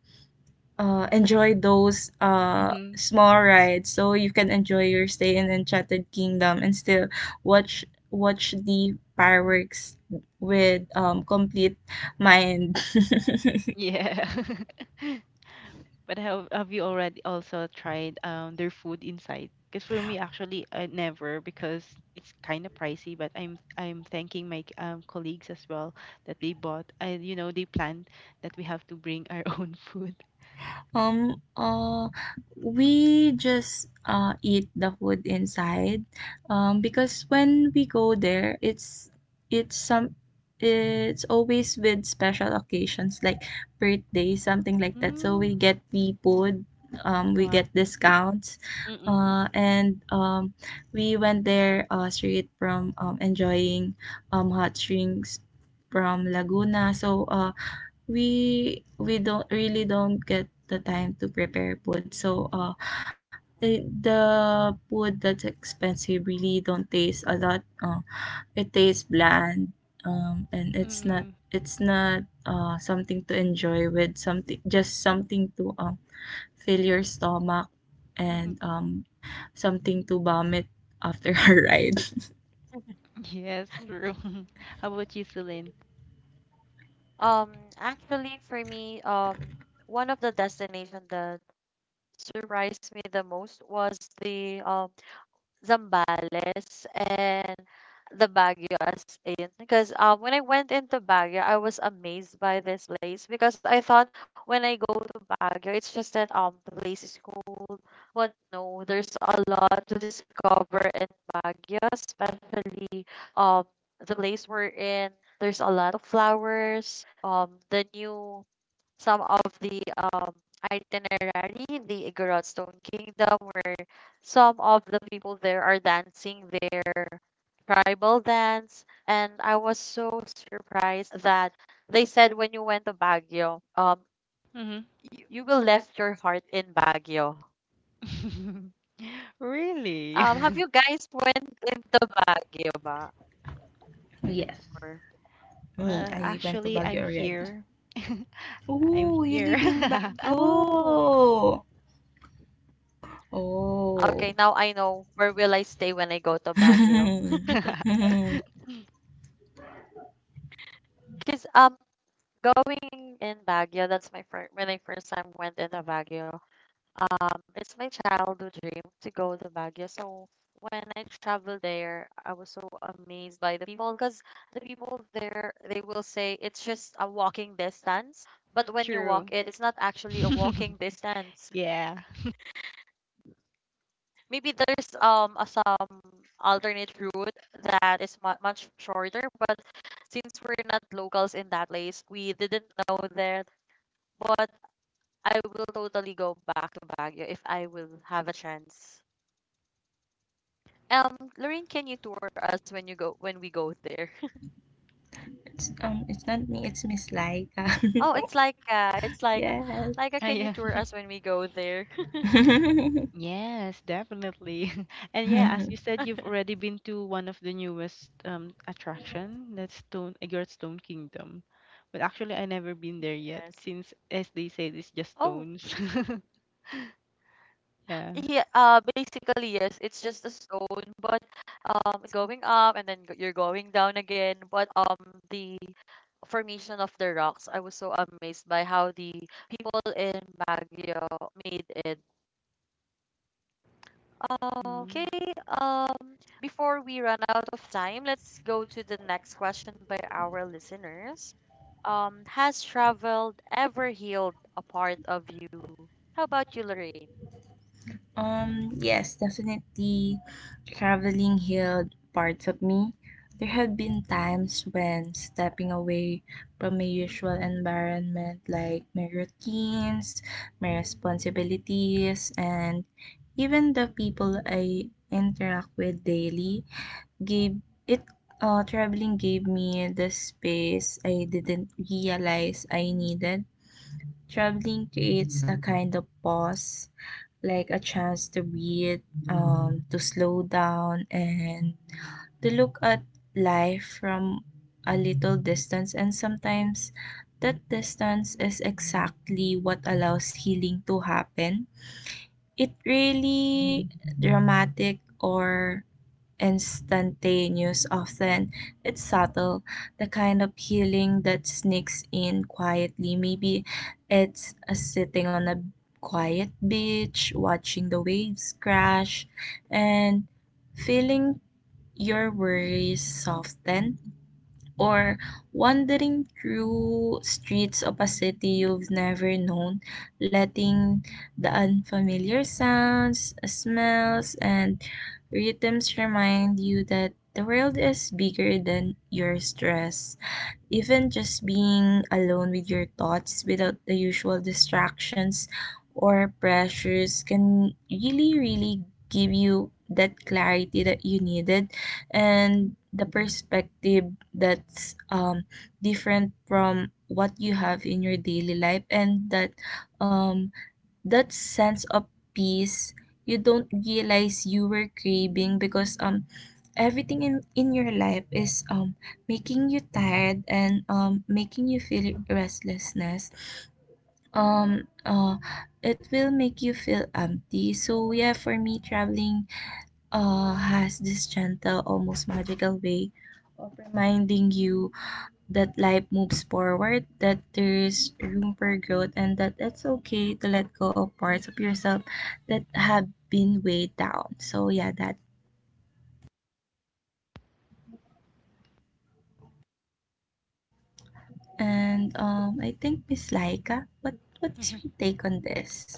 B: uh, enjoy those
C: Mm-hmm.
B: small rides, so you can enjoy your stay in Enchanted Kingdom and still watch the fireworks with complete mind.
C: Yeah. But have you already also tried their food inside? Because for me, actually, I never, because it's kind of pricey. But I'm thanking my colleagues as well that they bought. I You know, they planned that we have to bring our own food.
B: Um, uh, we just eat the food inside, because when we go there, it's some it's always with special occasions like birthday, something like that. So we
C: Mm,
B: get the food, we
C: wow.
B: get discounts,
C: Mm-mm.
B: and we went there straight from enjoying hot drinks from Laguna. So we don't get the time to prepare food. So the food that's expensive really don't taste a lot. It tastes bland, and
C: Mm-mm.
B: it's not something to enjoy with, something, just something to fill your stomach, and something to vomit after a ride.
C: Yes, true. How about you, Celine?
A: Um, Actually, for me, one of the destination that surprised me the most was the Zambales and the Baguio, as in, because when I went into Baguio I was amazed by this place, because I thought when I go to Baguio it's just that the place is cold, but no, there's a lot to discover in Baguio, especially um the place we're in, there's a lot of flowers, the new some of the itinerary, the Igorot Stone Kingdom, where some of the people there are dancing their tribal dance. And I was so surprised that they said when you went to Baguio, you will left your heart in Baguio.
C: Mm-hmm. Really?
A: Have you guys went into Baguio ba
B: Yes.
A: before?
B: Me,
C: Well,
B: I went to
C: actually,
B: Baguio
C: I'm
B: already.
C: here. I'm
B: Oh, you
C: here.
B: live in
A: Oh,
B: Baguio.
A: okay.
B: Oh.
A: Now I know where will I stay when I go to Baguio.
B: it's
A: Cause going in Baguio, that's my first when I first time went into Baguio. It's my childhood dream to go to Baguio. So when I traveled there, I was so amazed by the people, because the people there they will say it's just a walking distance, but when you
C: True.
A: walk it, it's not actually a walking distance.
C: Yeah.
A: Maybe there's some alternate route that is much shorter, but since we're not locals in that place, we didn't know that. But I will totally go back to Baguio if I will have a chance. Lorraine, can you tour us when you go when we go there?
B: it's not me, it's Miss Laika.
A: Oh, it's like
B: Yes.
C: Ah,
A: can you
C: yeah.
A: tour us when we go there?
C: Yes, definitely. And yeah, as you said, you've already been to one of the newest attraction, that's Stone Egert's Stone Kingdom. But actually, I never been there yet,
A: Yes.
C: since as they say, it's just
A: Oh,
C: stones. Yeah.
A: yeah. Basically yes. It's just a stone, but it's going up and then you're going down again. But the formation of the rocks, I was so amazed by how the people in Baguio made it.
C: Mm.
A: Okay, before we run out of time, let's go to the next question by our listeners. Has traveled ever healed a part of you? How about you, Lorraine?
B: Yes, definitely traveling healed parts of me. There have been times when stepping away from my usual environment, like my routines, my responsibilities, and even the people I interact with daily, gave it traveling gave me the space I didn't realize I needed. Traveling creates a kind of pause, like a chance to breathe, to slow down, and to look at life from a little distance. And sometimes that distance is exactly what allows healing to happen. It really dramatic or instantaneous, often it's subtle, the kind of healing that sneaks in quietly. Maybe it's a sitting on a quiet beach, watching the waves crash, and feeling your worries soften, or wandering through streets of a city you've never known, letting the unfamiliar sounds, smells, and rhythms remind you that the world is bigger than your stress. Even just being alone with your thoughts without the usual distractions or pressures can really, really give you that clarity that you needed, and the perspective that's different from what you have in your daily life. And that, um, that sense of peace you don't realize you were craving, because everything in your life is making you tired, and making you feel restlessness. um uh it will make you feel empty. So yeah, for me, traveling has this gentle, almost magical way of reminding you that life moves forward, that there is room for growth, and that it's okay to let go of parts of yourself that have been weighed down. So yeah, that. And I think Miss Laika, what is
C: Mhm.
B: your take on this?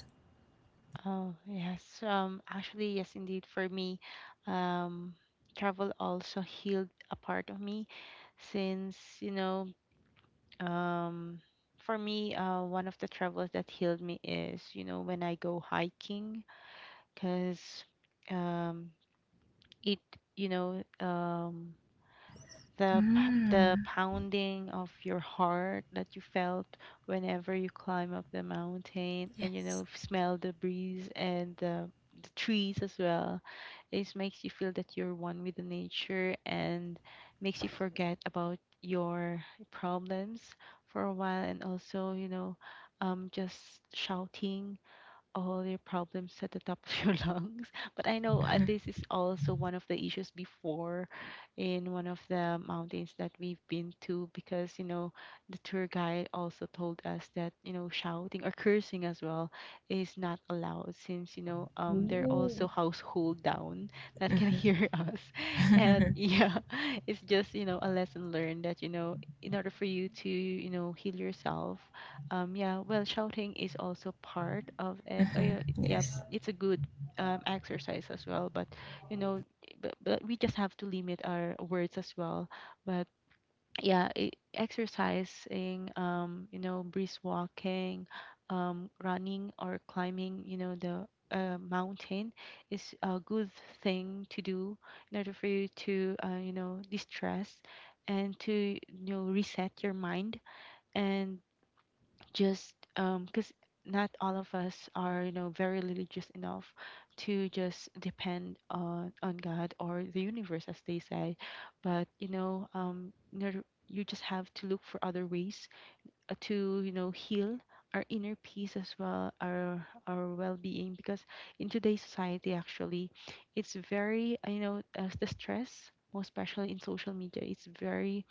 C: Oh, yes. Actually, yes, indeed. For me, um, travel also healed a part of me since, you know, Um, for me, one of the travels that healed me is, you know, when I go hiking, because um, it, you know, um, the the
B: Mm,
C: pounding of your heart that you felt whenever you climb up the mountain, and you
B: yes.
C: know, smell the breeze, and the trees as well, it makes you feel that you're one with the nature, and makes you forget about your problems for a while, and also, you know, just shouting all your problems at the top of your lungs. But I know
B: Uh huh.
C: this is also one of the issues before in one of the mountains that we've been to because, you know, the tour guide also told us that, you know, shouting or cursing as well is not allowed since, you know, there are also
B: Ooh.
C: household down that can hear us. And
B: Uh-huh.
C: yeah, it's just, you know, a lesson learned that, you know, in order for you to, you know, heal yourself yeah, well, shouting is also part of it. Oh,
B: Uh-huh.
C: yeah, yeah,
B: Yes.
C: it's a good exercise as well. But you know, but we just have to limit our words as well. But yeah, I exercising, you know, brisk walking, running or climbing, you know, the mountain is a good thing to do in order for you to, you know, distress and to, you know, reset your mind and just because not all of us are, you know, very religious enough to just depend on god or the universe as they say. But you know, you just have to look for other ways, to, you know, heal our inner peace as well, our well-being, because in today's society, actually, it's very you know, the stress, most especially in social media, it's very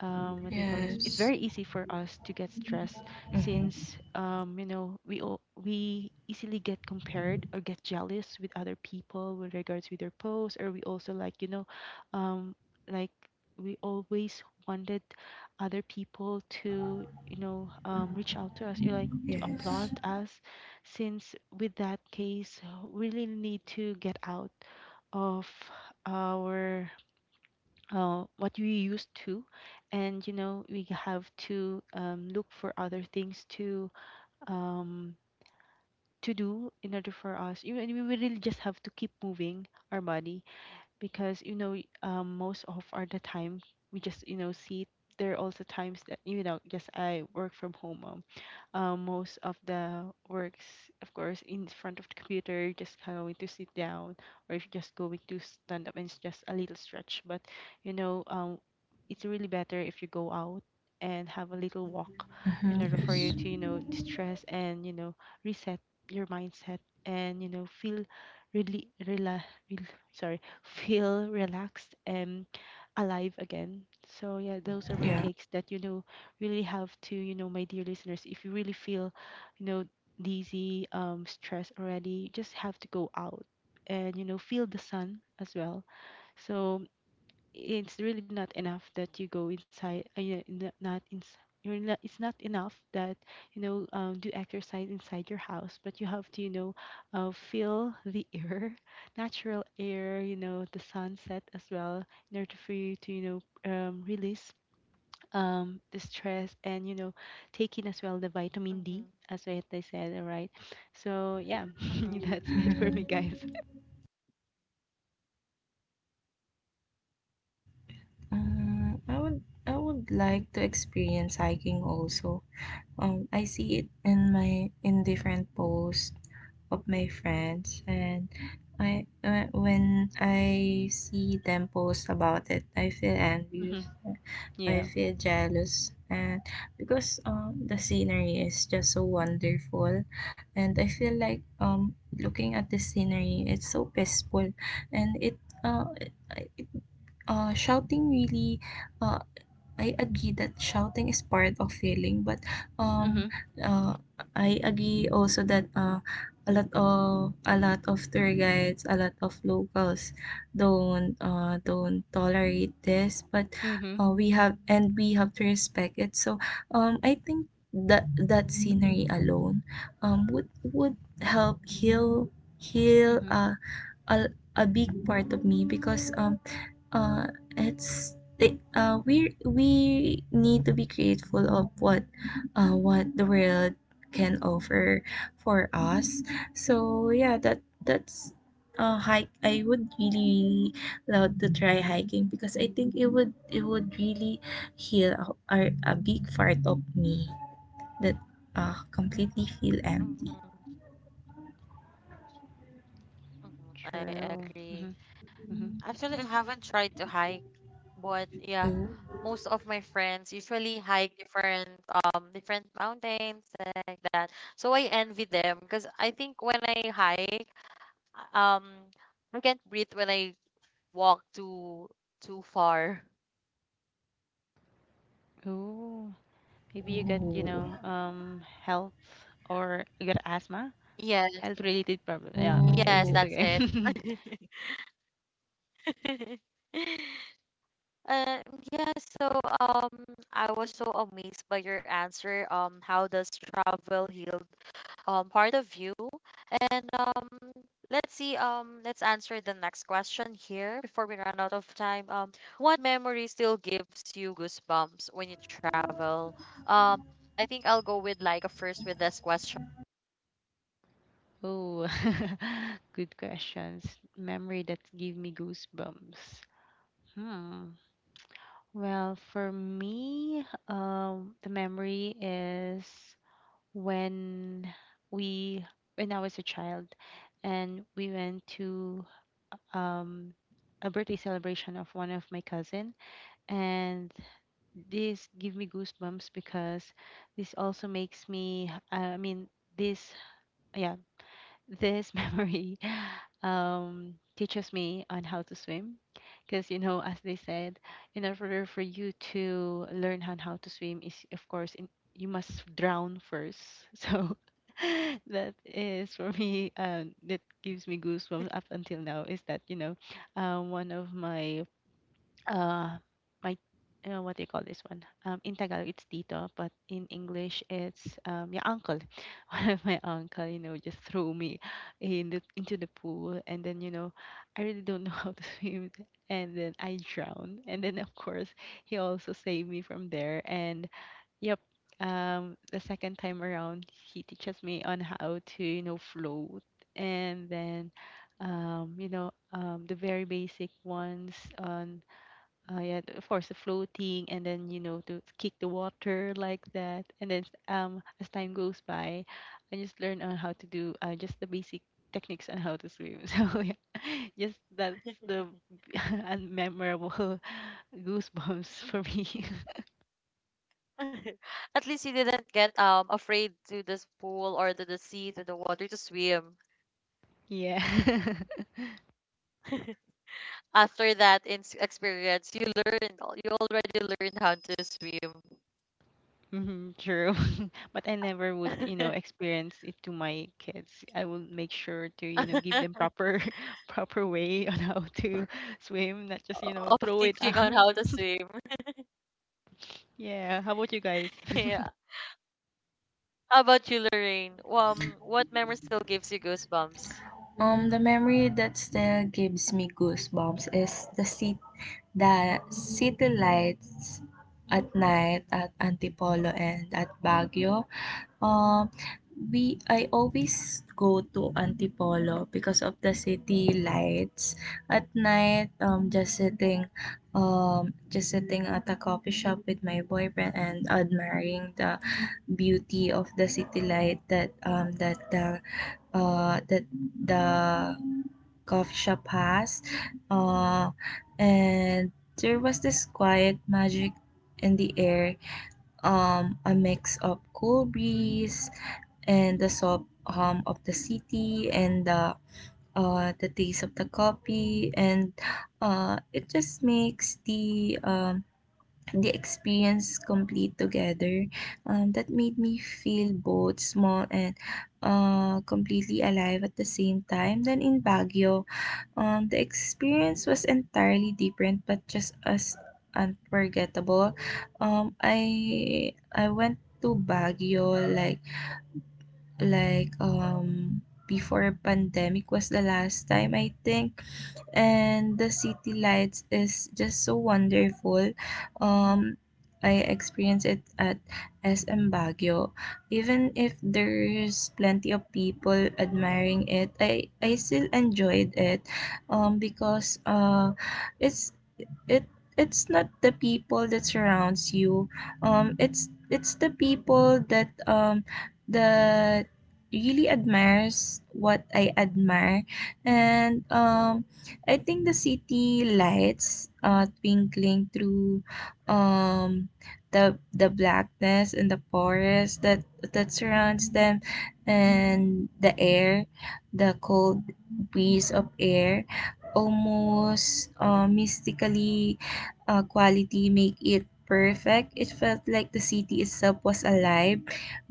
C: what do you call this, it's
B: Yes.
C: very easy for us to get stressed,
B: Uh huh.
C: since, you know, we easily get compared or get jealous with other people with regards with their posts, or we also, like, you know, um like, we always wanted other people to, you know, reach out to us, you like to
B: Yes.
C: applaud us. Since with that case, we really need to get out of our what we used to, and, you know, we have to, look for other things to, um, to do, in order for us, you know, and we really just have to keep moving our body, because, you know, most of are the time we just, you know, see there are also times that, you know, just I work from home, most of the works, of course, in front of the computer, just kind of going to sit down or if you're just going to stand up and it's just a little stretch. But you know, it's really better if you go out and have a little walk
B: Uh huh.
C: in order for
B: Yes.
C: you to, you know, distress and, you know, reset your mindset and, you know, feel really rel- sorry, feel relaxed and alive again. So yeah, those are my
B: Yeah.
C: takes that, you know, really have to, you know, my dear listeners, if you really feel, you know, dizzy, stressed already, you just have to go out and, you know, feel the sun as well. So it's really not enough that you go inside, yeah, n- not ins you're not, it's not enough that, you know, do exercise inside your house, but you have to, you know, feel the air, natural air, you know, the sunset as well, in order for you to, you know, release the stress and, you know, take in as well the vitamin
A: Mm-hmm,
C: D as what I said. All right, so yeah,
A: mm-hmm,
C: that's it for me, guys.
B: uh, I would, I would like to experience hiking also. I see it in different posts of my friends, and I when I see them post about it, I feel envious.
C: Hmm,
B: I
C: yeah.
B: feel jealous. And because the scenery is just so wonderful, and I feel like looking at the scenery, it's so peaceful. And it uh, shouting really, uh I agree that shouting is part of healing, but
C: Mm-hmm.
B: um, uh, I agree also that a lot of, a lot of tour guides, a lot of locals don't, don't tolerate this. But
C: Mm-hmm.
B: we have, and we have to respect it. So I think that that scenery alone would help heal, heal
C: Mm-hmm.
B: a big part of me, because uh, it's it, we need to be grateful of what, what the world can offer for us. So yeah, that that's, hike. I would really, really love to try hiking, because I think it would, it would really heal a big part of me that completely feel empty.
A: mm-hmm, mm-hmm. I
C: True.
A: agree.
C: Mm-hmm.
A: Actually, I haven't tried to hike, but yeah,
B: Oh,
A: most of my friends usually hike different different mountains like that. So I envy them because I think when I hike. Um, I can't breathe when I walk too far.
C: Oh, maybe you get, you know, health or you got asthma,
A: Yes,
C: health related problem. Yeah,
B: oh,
C: okay,
A: yes,
C: it's
B: oh.
A: that's
C: okay.
A: it. Uh, yeah, so I was so amazed by your answer. How does travel heal part of you. And let's see let's answer the next question here before we run out of time. What memory still gives you goosebumps when you travel? I think I'll go with like a first with this question.
C: Oh, good questions. Memory that give me goosebumps. Hmm. Well, for me, the memory is when we, when I was a child, and we went to um, a birthday celebration of one of my cousin, and this give me goosebumps because this also makes me, I mean, this yeah, this memory teaches me on how to swim, because, you know, as they said, in order for you to learn on how to swim is, of course, you must drown first. So that is for me, that gives me goosebumps up until now, is that, you know, one of my uh my what do you call this one? In Tagalog it's tito, but in English it's, yeah, uncle. One of my uncle, you know, just threw me in the into the pool, and then, you know, I really don't know how to swim, and then I drowned, and then, of course, he also saved me from there, and yep. The second time around, he teaches me on how to, you know, float, and then, you know, the very basic ones on. Oh yeah, of course, the floating, and then, you know, to kick the water like that, and then as time goes by, I just learn on how to do, just the basic techniques on how to swim. So yeah, just that's the unmemorable goosebumps for
A: Mhm.
C: me.
A: At least you didn't get afraid to this pool or to the sea, to the water to swim.
C: Yeah.
A: After that experience, you learned, you already learned how to swim.
C: Hmm, true. But I never would, you know, experience it to my kids. I will make sure to, you know, give them proper proper way on how to swim, not just, you know, throw
A: of
C: it out.
A: teaching on how to swim.
C: Yeah. How about you guys?
A: Yeah. How about you, Lorraine? What memory still gives you goosebumps?
B: The memory that still gives me goosebumps is the city lights at night at Antipolo and at Baguio. Um, we I always go to Antipolo because of the city lights at night. Um, just sitting at a coffee shop with my boyfriend, and admiring the beauty of the city light that, um, that the coffee shop has. Uh, and there was this quiet magic in the air, a mix of cool breeze, and the soft hum of the city, and the taste of the coffee. And it just makes the experience complete together. That made me feel both small and completely alive at the same time. Then in Baguio, the experience was entirely different, but just as unforgettable. I went to Baguio like, like um before pandemic was the last time, I think. And the city lights is just so wonderful. um I experienced it at SM Baguio. Even if there's plenty of people admiring it, I still enjoyed it, because it's it it's not the people that surrounds you, it's the people that that really admires what I admire. And I think the city lights twinkling through um, the blackness, and the forest that that surrounds them, and the air, the cold breeze of air, almost mystically quality make it perfect. It felt like the city itself was alive,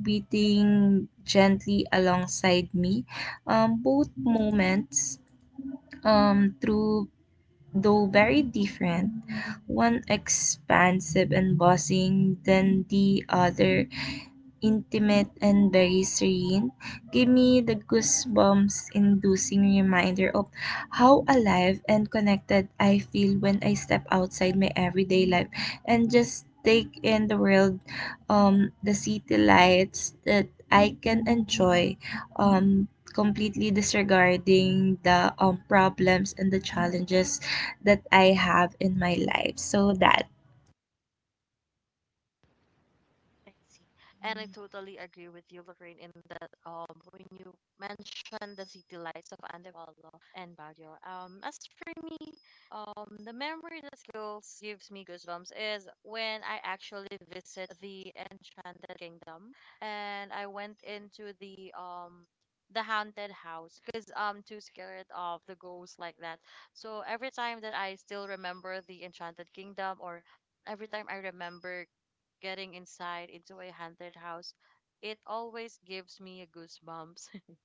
B: beating gently alongside me. Both moments, through though very different, one expansive and buzzing than the other intimate and very serene, give me the goosebumps inducing reminder of how alive and connected I feel when I step outside my everyday life and just take in the world, the city lights that I can enjoy, um, completely disregarding the problems and the challenges that I have in my life. So that.
A: I see. And I
C: Mm.
A: totally agree with you, Lorraine, in that when you mentioned the city lights of Antipolo and Baguio. As for me, the memory that still gives me goosebumps is when I actually visit the Enchanted Kingdom, and I went into the haunted house, because I'm too scared of the ghosts like that. So every time that I still remember the Enchanted Kingdom, or every time I remember getting inside into a haunted house, it always gives me goosebumps.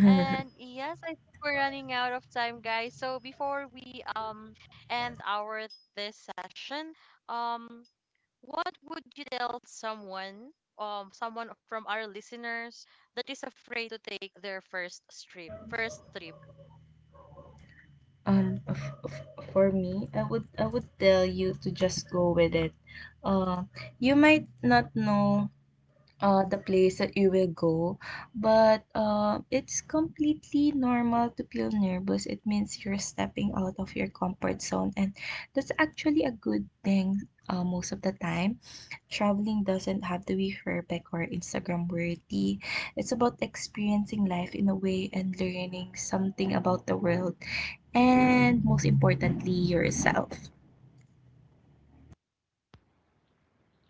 A: And yes, I think we're running out of time, guys. So before we end our this session, um, what would you tell someone, someone from our listeners that is afraid to take their first trip?
B: For me, I would, I would tell you to just go with it. Uh, you might not know the place that you will go, but it's completely normal to feel nervous. It means you're stepping out of your comfort zone, and that's actually a good thing. Most of the time, traveling doesn't have to be perfect or Instagram worthy. It's about experiencing life in a way, and learning something about the world, and most importantly, yourself.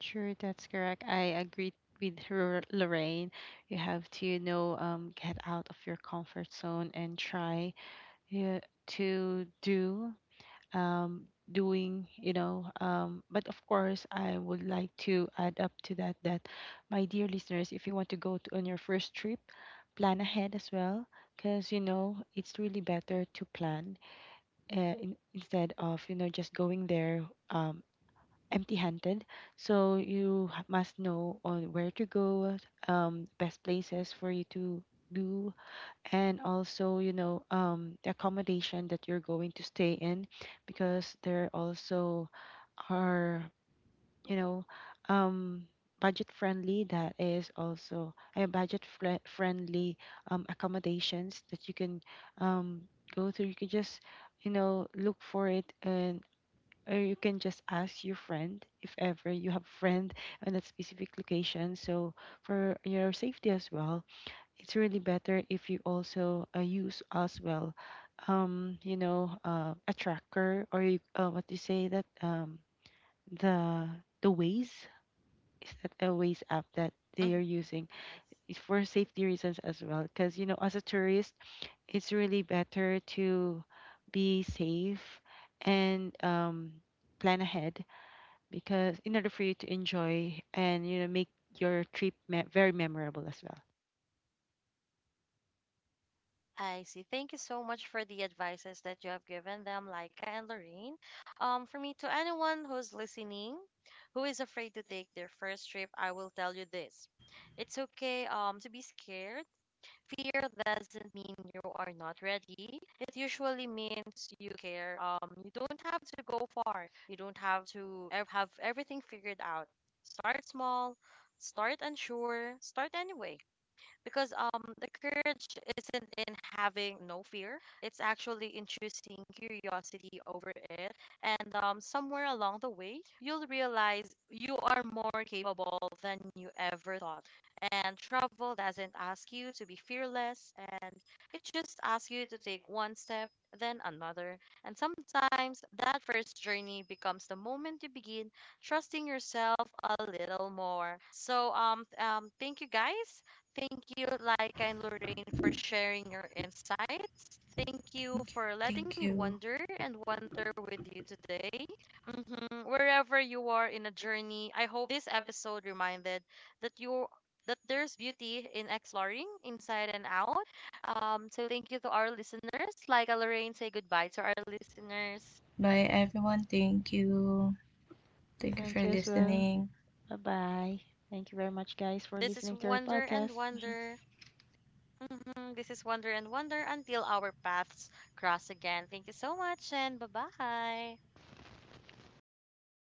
C: Sure, that's correct. I agree with her, Lorraine. You have to, you know, get out of your comfort zone and try, yeah, to do, doing, you know. But of course, I would like to add up to that, my dear listeners, if you want to go to, on your first trip, plan ahead as well, because you know it's really better to plan, instead of, you know, just going there. Um, Empty handed. So you must know on where to go, best places for you to do, and also, you know, the accommodation that you're going to stay in, because there also are, you know, um, budget friendly, that is also a budget friendly accommodations that you can, um, go through. You can just, you know, look for it, or you can just ask your friend, if ever you have friend on that specific location. So for your safety as well, it's really better if you also, use as well, you know, a tracker, or you, what do you say that, the the ways, is that a ways app that they are
A: Mhm.
C: using.
A: Yes.
C: It's for safety reasons as well, because you know, as a tourist, it's really better to be safe and, plan ahead, because in order for you to enjoy and, you know, make your trip very memorable as well.
A: I see. Thank you so much for the advices that you have given them, Laika and Lorraine. For me, to anyone who's listening, who is afraid to take their first trip, I will tell you this: it's okay. To be scared. Fear doesn't mean you are not ready. It usually means you care. You don't have to go far. You don't have to have everything figured out. Start small. Start unsure. Start anyway, because the courage isn't in having no fear, it's actually in choosing curiosity over it. And somewhere along the way you'll realize you are more capable than you ever thought, and travel doesn't ask you to be fearless, and it just asks you to take one step, then another. And sometimes that first journey becomes the moment you begin trusting yourself a little more. So thank you guys. Thank you, Laika and Lorraine, for sharing your insights. Thank you
B: Thank you.
A: for letting
B: Thank
A: me
B: you.
A: wonder and wonder with you today. Mhm. Wherever you are in a journey, I hope this episode reminded that you that there's beauty in exploring inside and out. So thank you to our listeners. Like Lorraine, say goodbye to our listeners.
B: Bye, everyone. Thank you. Thank you for
C: Thank you as well.
B: listening.
C: Bye bye. Thank you very much, guys, for
A: This
C: listening
A: is
C: to our
A: Wonder and
C: podcast.
A: Wonder. Mhm. This is Wonder and Wonder. Until our paths cross again, thank you so much and bye bye.